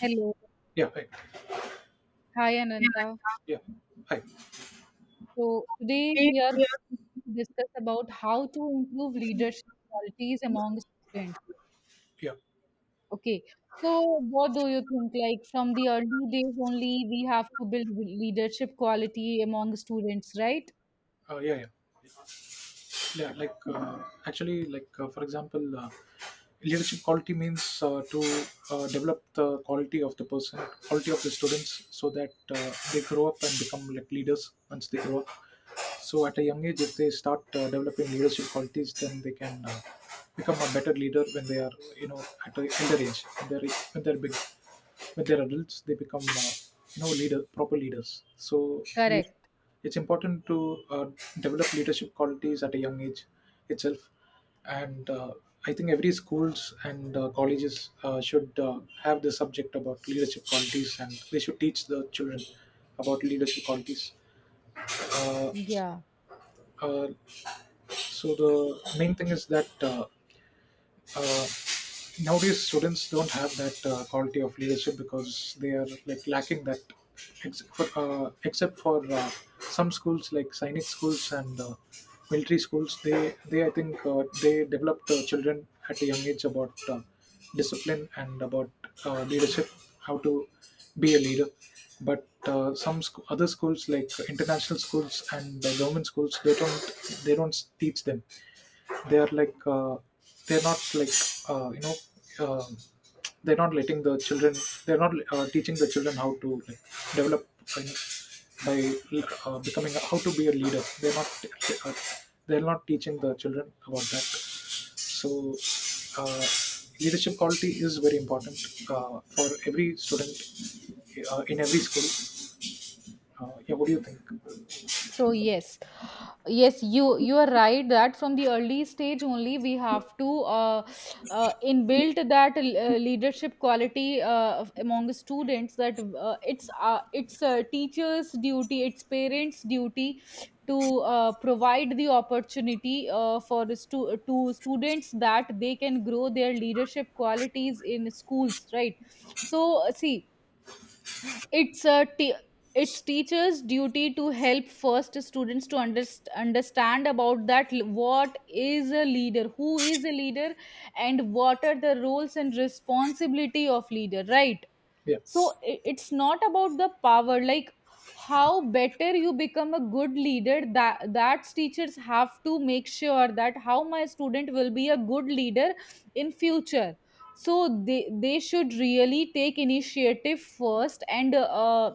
Hello. Yeah. Hi. Hi, Yeah. Ananta. Yeah. Hi. So today we are going Yeah. to discuss about how to improve leadership qualities among students. Yeah. Okay. So what do you think? Like from the early days only, we have to build leadership quality among students, right? Yeah. Yeah. Yeah. Actually, for example, leadership quality means to develop the quality of the person, quality of the students, so that they grow up and become like leaders once they grow up. So at a young age, if they start developing leadership qualities, then they can become a better leader when they are, you know, at an elder age, when they're big. When they're adults, they become you know, leader, proper leaders. so lead- Correct. it's important to uh, develop leadership qualities at a young age itself, and I think every schools and colleges should have the subject about leadership qualities, and they should teach the children about leadership qualities. uh, Yeah. uh, so the main thing is that uh, nowadays students don't have that quality of leadership, because they are like lacking that. For, except for some schools like sainik schools and military schools, they I think they develop the children at a young age about discipline and about leadership, how to be a leader. But other schools like international schools and government schools, they don't teach them. They are like, they're not like, you know, um they're not letting the children, they're not teaching the children how to, like, develop, you know, by becoming, how to be a leader. They're not uh, they're not teaching the children about that. So uh, leadership quality is very important for every student in every school. Yeah, what do you think? So yes, you are right that from the early stage only we have to inbuilt that leadership quality among students. That it's teachers' duty, it's parents' duty to provide the opportunity to students that they can grow their leadership qualities in schools, right? So see, it's a t- it's teachers' duty to help first students to understand about what is a leader, who is a leader, and what are the roles and responsibility of leader, right? Yeah. So it's not about the power. Like, how better you become a good leader, that's teachers have to make sure that how my student will be a good leader in future. So they should really take initiative first, and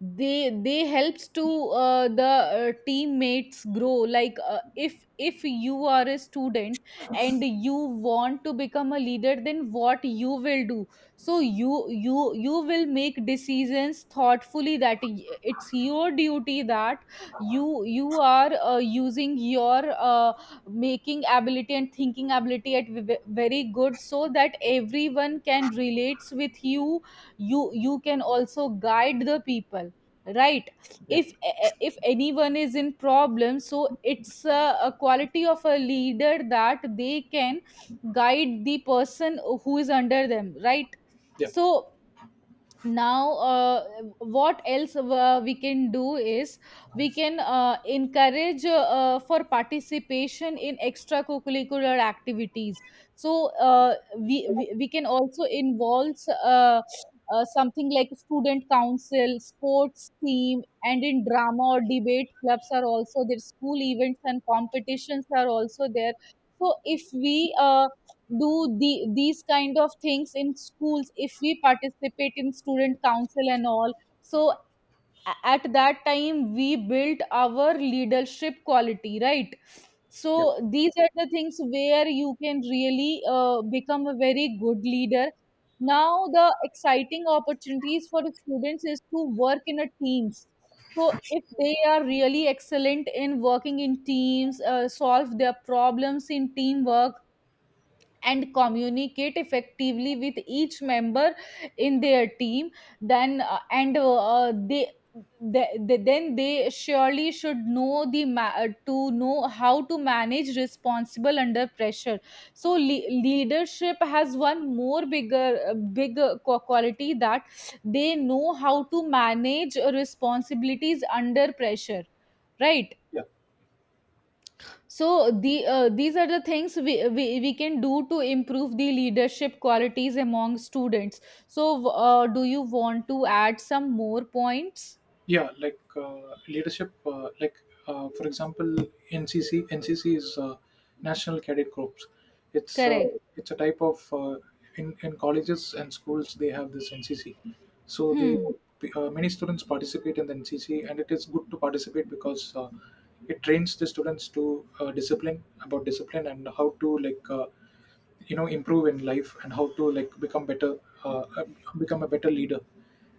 they helps to the teammates grow. Like if you are a student and you want to become a leader, then what you will do? So you will make decisions thoughtfully. That it's your duty that you are using your making ability and thinking ability at very good, so that everyone can relates with you. You can also guide the people, right? Yeah. if if anyone is in problem, so it's a quality of a leader that they can guide the person who is under them, right? Yeah. So now what else we can do is we can encourage for participation in extracurricular activities. So we can also involve uh, something like student council, sports team, and in drama or debate clubs are also there, school events and competitions are also there. So if we do the, these kind of things in schools, if we participate in student council and all, so at that time we built our leadership quality, right? So Yeah. these are the things where you can really become a very good leader. Now the exciting opportunities for students is to work in a teams. So if they are really excellent in working in teams, solve their problems in teamwork and communicate effectively with each member in their team, then and they- then they surely should know to know how to manage responsible under pressure. So leadership has one more bigger quality that they know how to manage responsibilities under pressure, right? Yeah. So the these are the things we can do to improve the leadership qualities among students. So do you want to add some more points? Yeah. Leadership, like, for example, ncc is National Cadet Corps. It's Correct. it's a type of, in colleges and schools they have this NCC. So they Hmm. Many students participate in the NCC, and it is good to participate, because it trains the students to discipline about discipline and how to, like, you know, improve in life and how to like become better, uh, uh, become a better leader.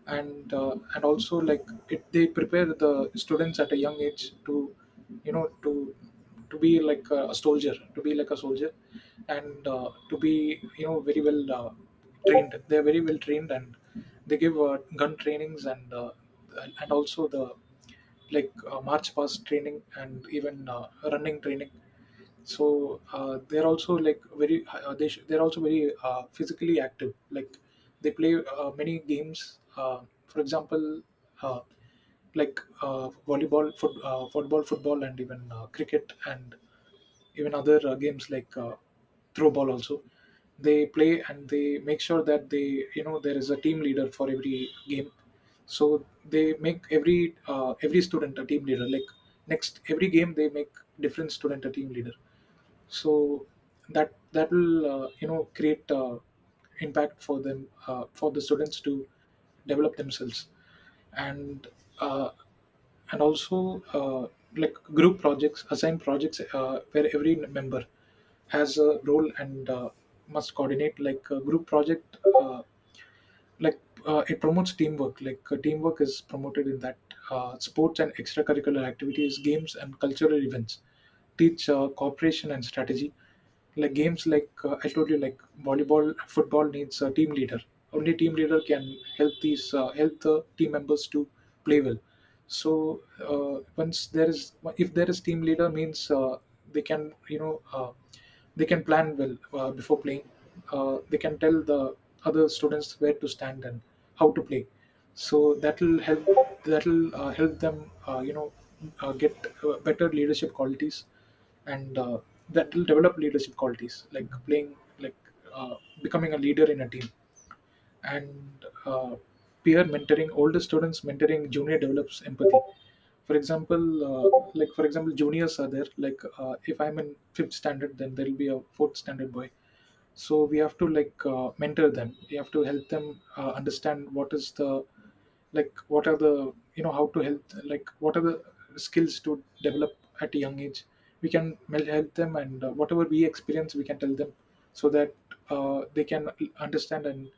And and also like it, they prepare the students at a young age to, you know, to be like a soldier, to be like a soldier, and to be, you know, very well trained. They are very well trained, and they give gun trainings, and also the, like, march past training, and even running training. So they're also like very, they're also very physically active. Like, they play many games, for example, uh, like, volleyball, football, and even cricket, and even other games like, throw ball also they play. And they make sure that, they you know, there is a team leader for every game. So they make every, every student a team leader. Like, next every game they make different student a team leader. So that that will, you know, create impact for them, for the students to develop themselves. And uh, and also, like, group projects, assign projects where every member has a role and must coordinate, like a group project. Like, it promotes teamwork. Like, teamwork is promoted in that. Sports and extracurricular activities, games and cultural events teach cooperation and strategy. Like, games like, I told you, like volleyball, football needs a team leader. Only team leader can help these, help the team members to play well. So once there is, if there is team leader, means they can, you know, they can plan well before playing. They can tell the other students where to stand and how to play. So that'll help. That'll help them you know, get better leadership qualities, and that will develop leadership qualities, like playing, like uh, becoming a leader in a team. And peer mentoring, older students mentoring junior develops empathy. For example, for example, juniors are there. Like, if I'm in fifth standard, then there'll be a fourth standard boy. So we have to, like, mentor them. We have to help them understand what is the, like, what are the, you know, how to help, like, what are the skills to develop at a young age. We can help them, and whatever we experience we can tell them. So that they can understand and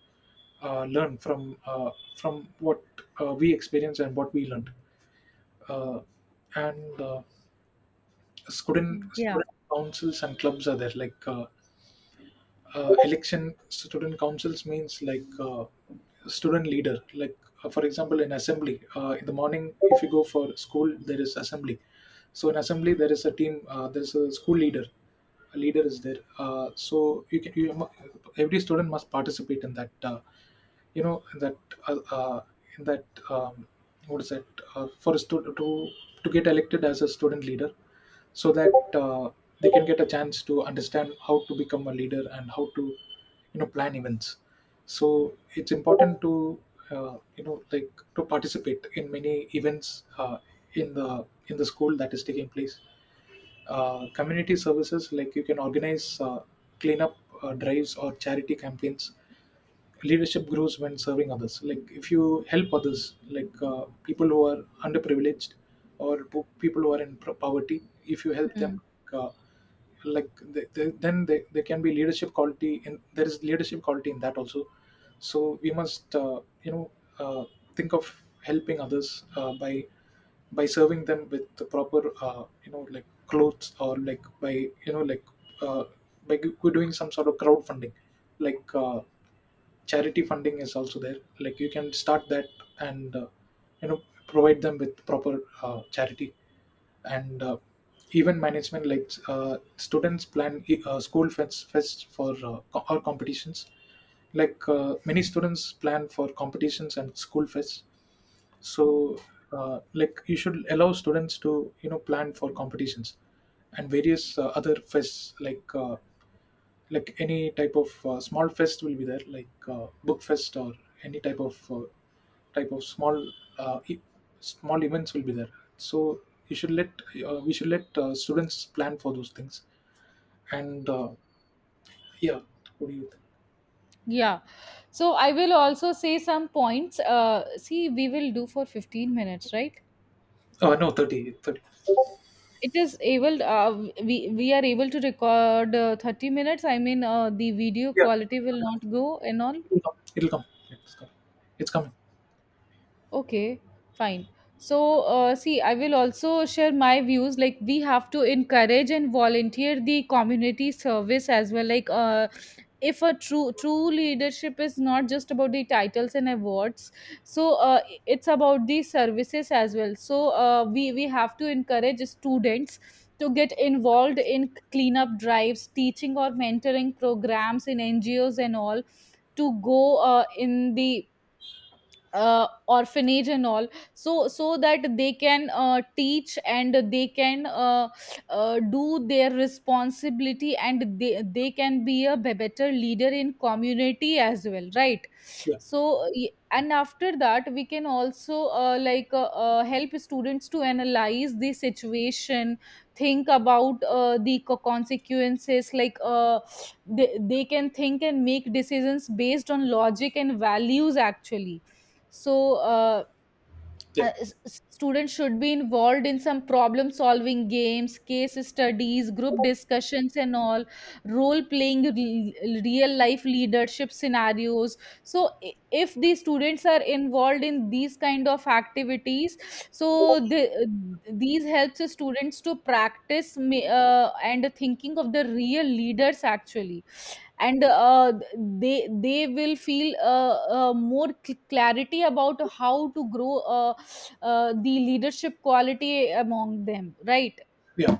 learn from what we experience and what we learned. uh, and student Yeah. student councils and clubs are there. Like, election, student councils means, like, student leader. Like, for example, in assembly, in the morning, if you go for school, there is assembly. So in assembly there is a team, there's a school leader, a leader is there. So you can, every student must participate in that, you know, in that, uh, uh, in that, what is that, for a student to get elected as a student leader. So that they can get a chance to understand how to become a leader and how to, you know, plan events. So it's important to, you know, like, to participate in many events in the school that is taking place. Community services, like, you can organize cleanup drives or charity campaigns. Leadership grows when serving others. Like, if you help others, like, people who are underprivileged, or people who are in poverty, if you help them, Hmm. uh, like there can be leadership quality in, there is leadership quality in that also. So we must, you know, uh, think of helping others, by serving them with the proper, you know, like clothes, or like by, you know, like uh, by doing some sort of crowdfunding. Like, charity funding is also there, like, you can start that. And you know, provide them with proper charity. And event management, like, students plan school fest, fest for or competitions. Like, many students plan for competitions and school fests. So like, you should allow students to, you know, plan for competitions and various other fests. Like, like, any type of small fest will be there, like, book fest, or any type of small uh, e- small events will be there. So you should let, we should let students plan for those things. And yeah, what do you think? Yeah. So I will also say some points. See, we will do for 15 minutes, right? No, 30, 30. It is able. We are able to record 30 minutes. I mean, the video Yeah, quality will not go and all. it'll come, it'll come. It's coming. It's coming. Okay, fine. So, see, I will also share my views. Like, we have to encourage and volunteer the community service as well. Like, if a true leadership is not just about the titles and awards, so it's about the services as well. So, we have to encourage students to get involved in cleanup drives, teaching or mentoring programs in NGOs and all, to go in the orphanage and all, so so that they can teach and they can do their responsibility, and they can be a better leader in community as well, right? Yeah. So and after that we can also help students to analyze the situation, think about consequences. Like they can think and make decisions based on logic and values actually. So Yeah. Students should be involved in some problem solving games, case studies, group discussions and all, role playing real life leadership scenarios. So if the students are involved in these kind of activities, so these helps the students to practice and thinking of the real leaders actually. And they will feel more clarity about how to grow the leadership quality among them, right? Yeah.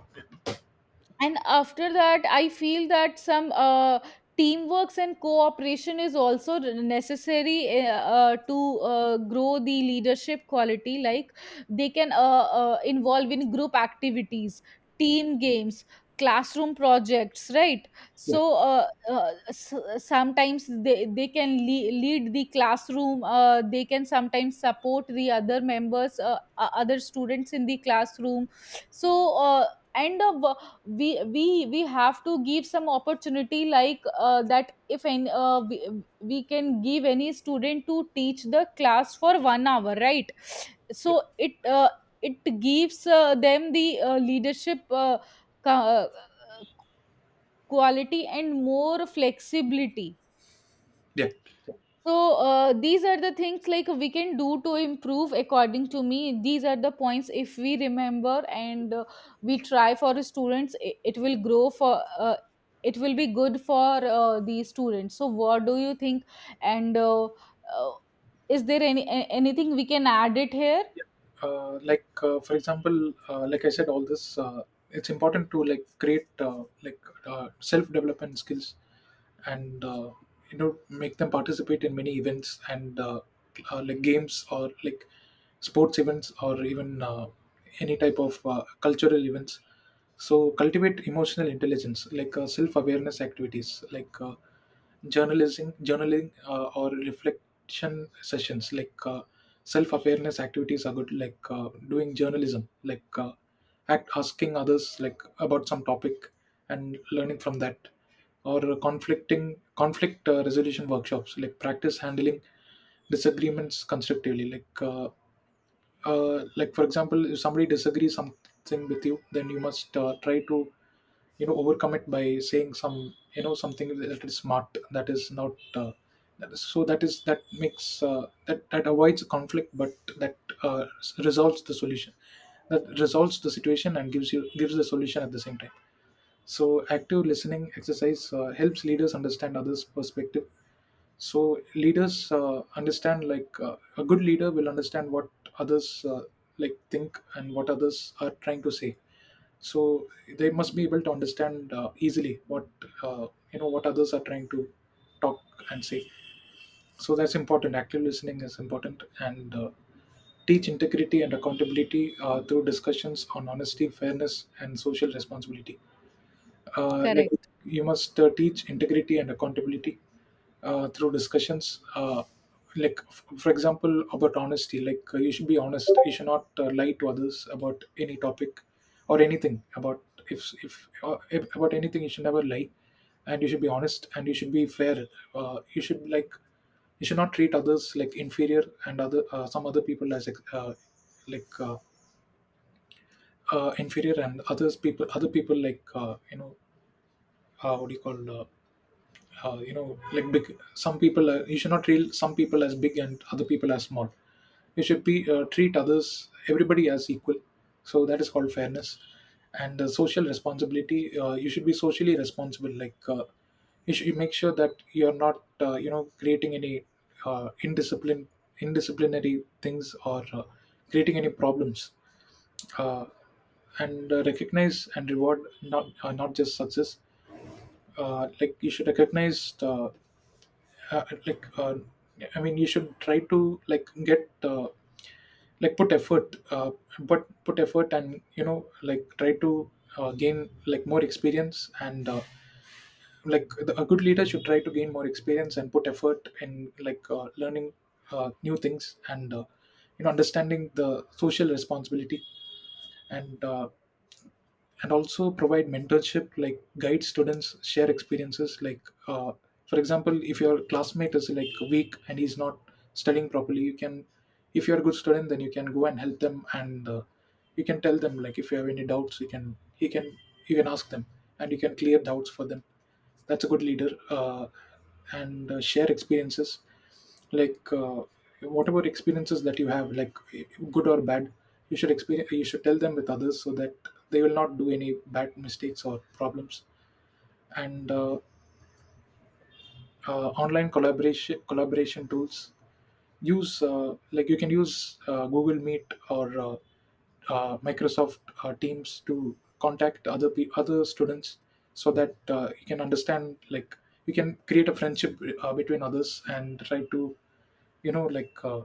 And after that, I feel that some teamworks and cooperation is also necessary to grow the leadership quality. Like, they can involve in group activities, team games, classroom projects, right? Yeah. So sometimes they can lead the classroom, they can sometimes support the other members, other students in the classroom. So and we have to give some opportunity. Like that if any we can give any student to teach the class for 1 hour, right? Yeah. So it it gives them the leadership ca- uh, quality and more flexibility. Yeah. So these are the things like we can do to improve according to me. These are the points, if we remember and we try for students, it will grow for it will be good for the students. So what do you think? And is there anything we can add it here? Yeah. Like, for example, like I said all this, it's important to like create, like, self development skills. And you know, make them participate in many events, and like games, or like sports events, or even any type of cultural events. So cultivate emotional intelligence, like, self awareness activities, like, journalism, journaling, or reflection sessions. Like, self-awareness activities are good. Like, doing journalism, like, act asking others, like, about some topic and learning from that, or conflict resolution workshops. Like, practice handling disagreements constructively, like, for example, if somebody disagrees something with you, then you must try to, you know, overcommit by saying something that is smart, that is not that is, that makes that avoids conflict, but that resolves the solution, that resolves the situation, and gives the solution at the same time. So active listening exercise helps leaders understand others' perspective. So leaders understand, like, a good leader will understand what others, like, think, and what others are trying to say. So they must be able to understand, easily, what uh, you know what others are trying to talk and say. So that's important. Active listening is important. And teach integrity and accountability through discussions on honesty, fairness, and social responsibility. Like, Correct. you must teach integrity and accountability through discussions, like, for example, about honesty. Like, you should be honest. You should not lie to others about any topic or anything about. If about anything, you should never lie. And you should be honest, and you should be fair. You should, like, you should not treat others like inferior, and other some other people as, uh, like uh, inferior, and others people, other people, like, you know, what do you call you know like, big — some people are, you should not treat some people as big and other people as small. You should be, treat others, everybody, as equal. So that is called fairness. And social responsibility. You should be socially responsible. Like, you should, you make sure that you're not, you know, creating any, indiscipline, indisciplinary things, or creating any problems. Uh, and uh, recognize and reward, not not just success. Like, you should recognize the, uh, like uh, I mean, you should try to, like, get, like, put effort, but put effort, and, you know, like, try to gain, like, more experience. And like the, a good leader should try to gain more experience and put effort in, like, learning new things. And you know, understanding the social responsibility. And also provide mentorship, like, guide students, share experiences, like, uh, for example, if your classmate is like weak and he's not studying properly, you can — if you're a good student, then you can go and help them. And you can tell them, like, if you have any doubts, you can he can, you can ask them, and you can clear doubts for them. That's a good leader. And share experiences, like, whatever experiences that you have, like, good or bad, you should tell them with others, so that they will not do any bad mistakes or problems. And Online collaboration tools, use, like, you can use Google Meet, or Microsoft Teams, to contact other students, so that you can understand, like, you can create a friendship between others and try to, you know, like,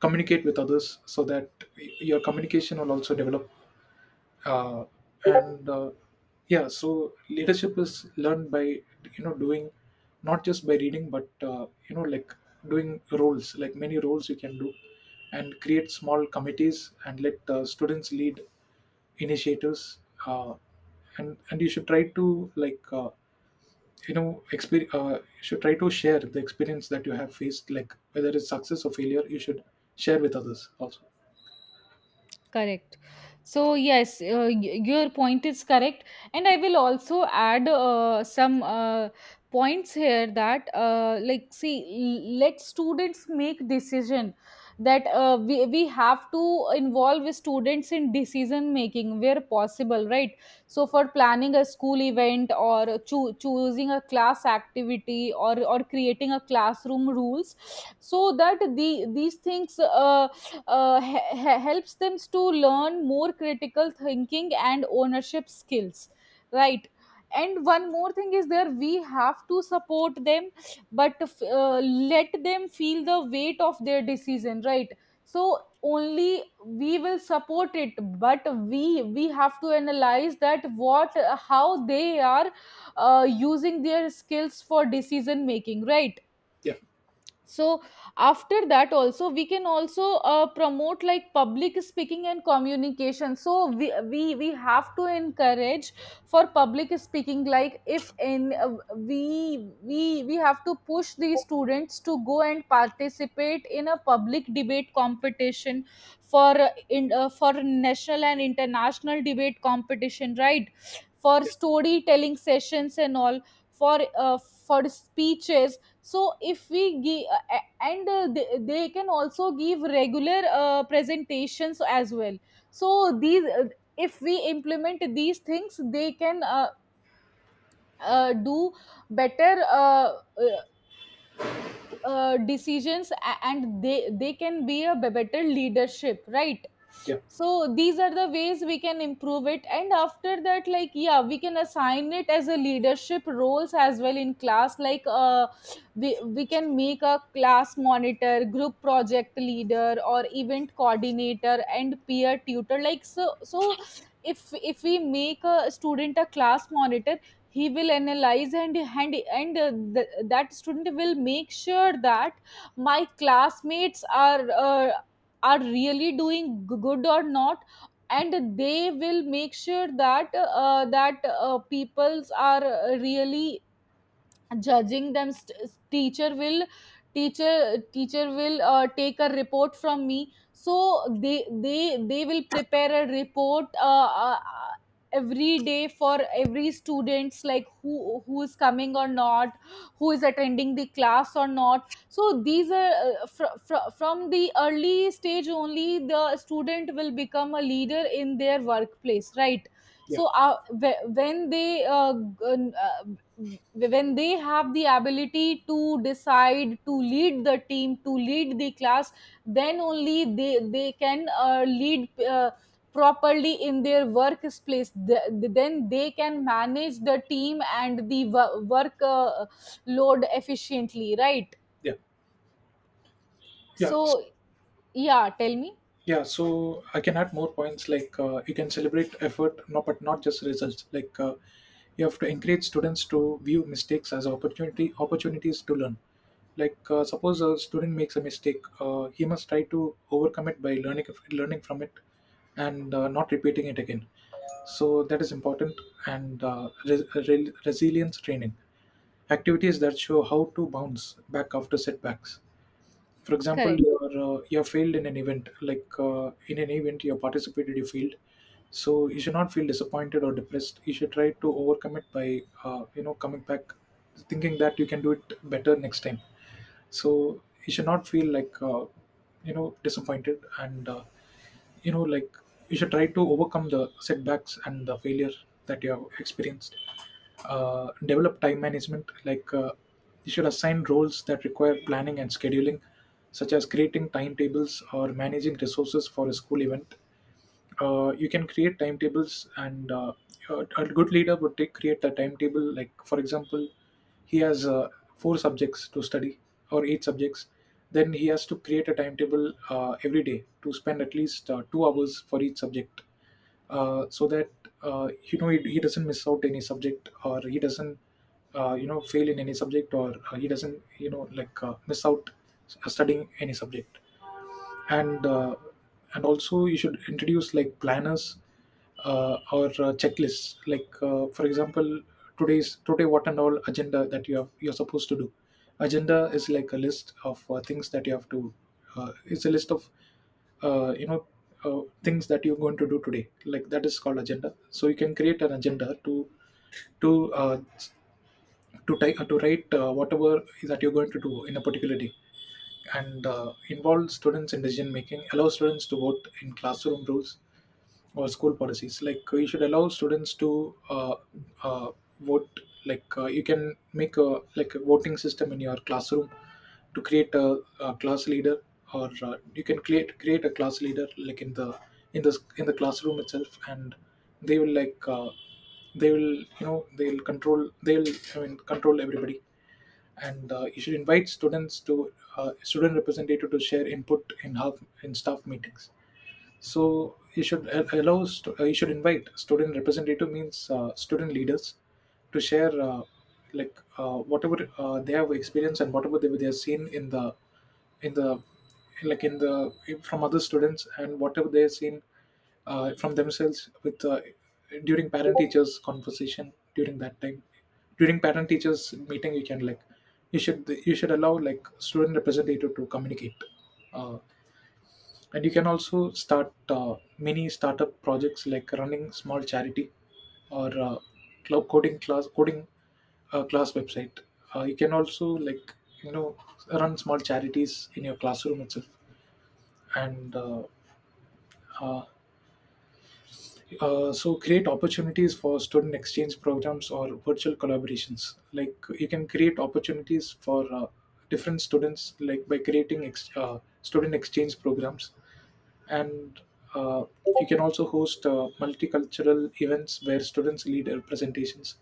communicate with others, so that your communication will also develop. Uh, and Yeah, so leadership is learned by, you know, doing, not just by reading. But you know, like, doing roles, like, many roles you can do, and create small committees and let students lead initiatives. Uh, and and you should try to, like, you know, you should try to share the experience that you have faced, like, whether it's success or failure, you should share with others also. Correct. So, yes, your point is correct. And I will also add some points here that, like, see, let students make decision. That we have to involve students in decision making where possible, right? So, for planning a school event or choosing a class activity, or creating a classroom rules, so that the these things helps them to learn more critical thinking and ownership skills, right? And one more thing is there, we have to support them, but uh, let them feel the weight of their decision, right? So only we will support it, but we have to analyze that what, how they are using their skills for decision making, right? Yeah, So after that also, we can also promote like public speaking and communication. So we have to encourage for public speaking. Like, if in we have to push the students to go and participate in a public debate competition, for in for national and international debate competition, right? For yeah, storytelling sessions and all, for uh, for speeches. So if we give, and they can also give regular presentations as well. So these if we implement these things, they can do better decisions, and they can be a better leadership, right? yeah, So these are the ways we can improve it. And after that, like, yeah, we can assign it as a leadership roles as well in class. Like we can make a class monitor, group project leader, or event coordinator, and peer tutor, like so so if we make a student a class monitor, he will analyze and that student will make sure that my classmates are really doing good or not. And they will make sure that peoples are really judging them. Teacher will teacher will take a report from me. So they will prepare a report every day for every students, like who is coming or not, who is attending the class or not. So these are from the early stage only the student will become a leader in their workplace, right? yeah, So when they when they have the ability to decide, to lead the team, to lead the class, then only they can lead properly in their workplace. Then they can manage the team and the work load efficiently, right? yeah, yeah. So yeah, tell me. Yeah, so I can add more points, like, you can celebrate effort, no, but not just results. Like, you have to encourage students to view mistakes as opportunity opportunities to learn. Like, suppose a student makes a mistake, he must try to overcome it by learning from it, and not repeating it again. So that is important. And resilience training activities that show how to bounce back after setbacks. For example, Correct. You're failed in an event. Like, in an event you have participated, you failed. So you should not feel disappointed or depressed. You should try to overcome it by, you know, coming back, thinking that you can do it better next time. So you should not feel like, you know, disappointed, and you know, like, you should try to overcome the setbacks and the failure that you have experienced. Develop time management. Like, you should assign roles that require planning and scheduling, such as creating timetables or managing resources for a school event. You can create timetables. And a good leader would take, create the timetable. Like, for example, he has four subjects to study, or eight subjects. Then he has to create a timetable every day, to spend at least 2 hours for each subject, so that you know, he doesn't miss out any subject, or he doesn't, you know, fail in any subject, or he doesn't, you know, like, miss out studying any subject. And also, you should introduce, like, planners, or checklists. Like, for example, today's — today, what and all agenda that you have, you're supposed to do. Agenda is like a list of things that you have to. It's a list of, you know, things that you're going to do today. Like, that is called agenda. So you can create an agenda to, to uh, to type, to write whatever that you're going to do in a particular day. And involve students in decision making, allow students to vote in classroom rules, or school policies. Like, you should allow students to uh, vote. Like, you can make a, like, a voting system in your classroom, to create a class leader, or you can create a class leader, like, in the, in the, in the classroom itself. And they will, like, they will, you know, they'll control, they'll, I mean, control everybody. And you should invite students to student representative to share input in, half, in staff meetings. So you should allow, you should invite student representative, means student leaders, to share like, whatever they have experienced, and whatever they have seen in the, in the, like, in the, from other students, and whatever they have seen from themselves, with, during parent teachers conversation, during that time, during parent teachers meeting. You can, like, you should, you should allow, like, student representative to communicate. Uh, and you can also start mini startup projects, like, running small charity, or coding class, coding class website. You can also, like, you know, run small charities in your classroom itself. And uh, uh, uh, so, create opportunities for student exchange programs, or virtual collaborations. Like, you can create opportunities for different students, like, by creating student exchange programs. And you can also host multicultural events where students lead presentations.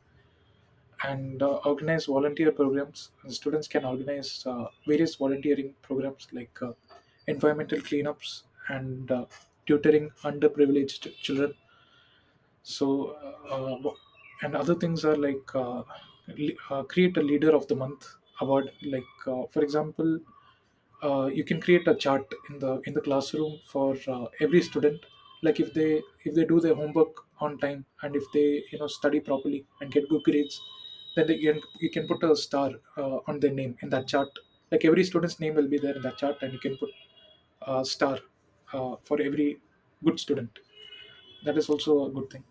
And organize volunteer programs. Students can organize various volunteering programs, like environmental cleanups, and tutoring underprivileged children. So uh, uh, and other things are like create a leader of the month award. Like, for example, you can create a chart in the, in the classroom, for every student. Like, if they, if they do their homework on time, and if they, you know, study properly and get good grades, then they can, you can put a star on their name in that chart. Like, every student's name will be there in that chart, and you can put a star for every good student. That is also a good thing.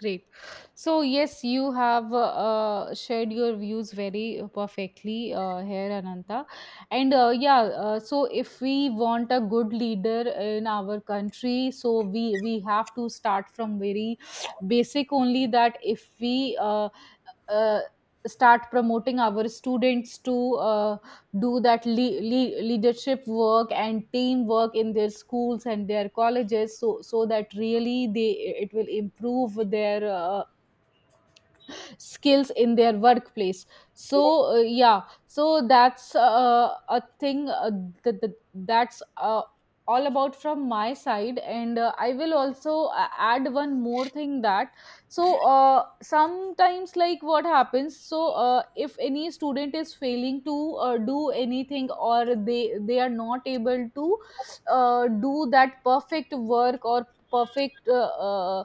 Great. So, yes, you have shared your views very perfectly here, Ananta. And yeah, so if we want a good leader in our country, so we have to start from very basic only. That if we uh, start promoting our students to do that leadership work and teamwork in their schools and their colleges, so so that really they, it will improve their skills in their workplace. So yeah, so that's a thing that's all about from my side. And I will also add one more thing that, so sometimes like what happens, so if any student is failing to do anything, or they are not able to do that perfect work or perfect uh, uh,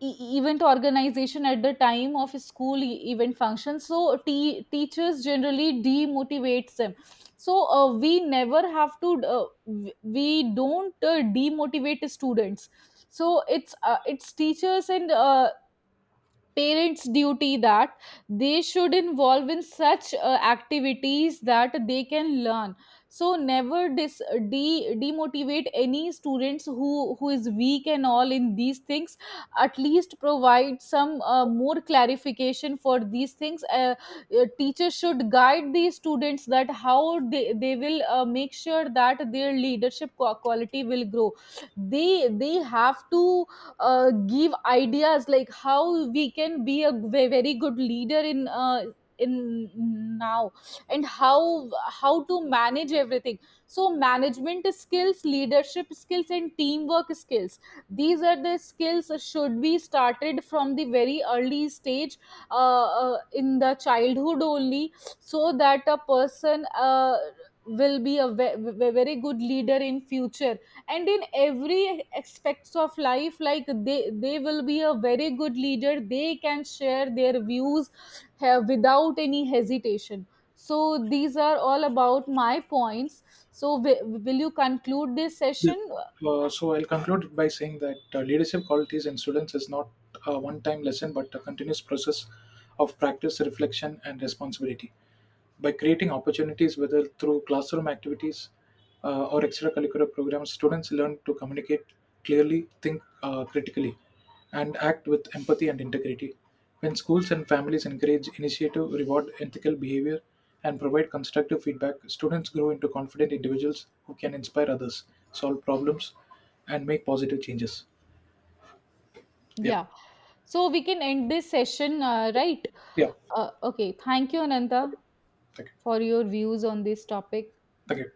e- event organization at the time of school event function, so teachers generally demotivates them. So we never have to we don't demotivate students. So it's teachers and parents' duty that they should involve in such activities that they can learn. So never demotivate any students who is weak and all in these things. At least provide some more clarification for these things. Teachers should guide these students that how they will make sure that their leadership quality will grow. They have to give ideas, like how we can be a very good leader in in now, and how to manage everything. So management skills, leadership skills and teamwork skills, these are the skills that should be started from the very early stage, in the childhood only, so that a person will be a very good leader in future, and in every aspects of life. Like they will be a very good leader, they can share their views, have, without any hesitation. So these are all about my points. So will you conclude this Yeah. session? So I'll conclude by saying that leadership qualities in students is not a one-time lesson, but a continuous process of practice, reflection, and responsibility. By creating opportunities, whether through classroom activities, or extracurricular programs, students learn to communicate clearly, think critically, and act with empathy and integrity. When schools and families encourage initiative, reward ethical behavior, and provide constructive feedback, students grow into confident individuals who can inspire others, solve problems, and make positive changes. Yeah. Yeah, so we can end this session, right? Yeah. Okay, thank you, Ananta, Thank you. Thank you. for your views on this topic. Thank you.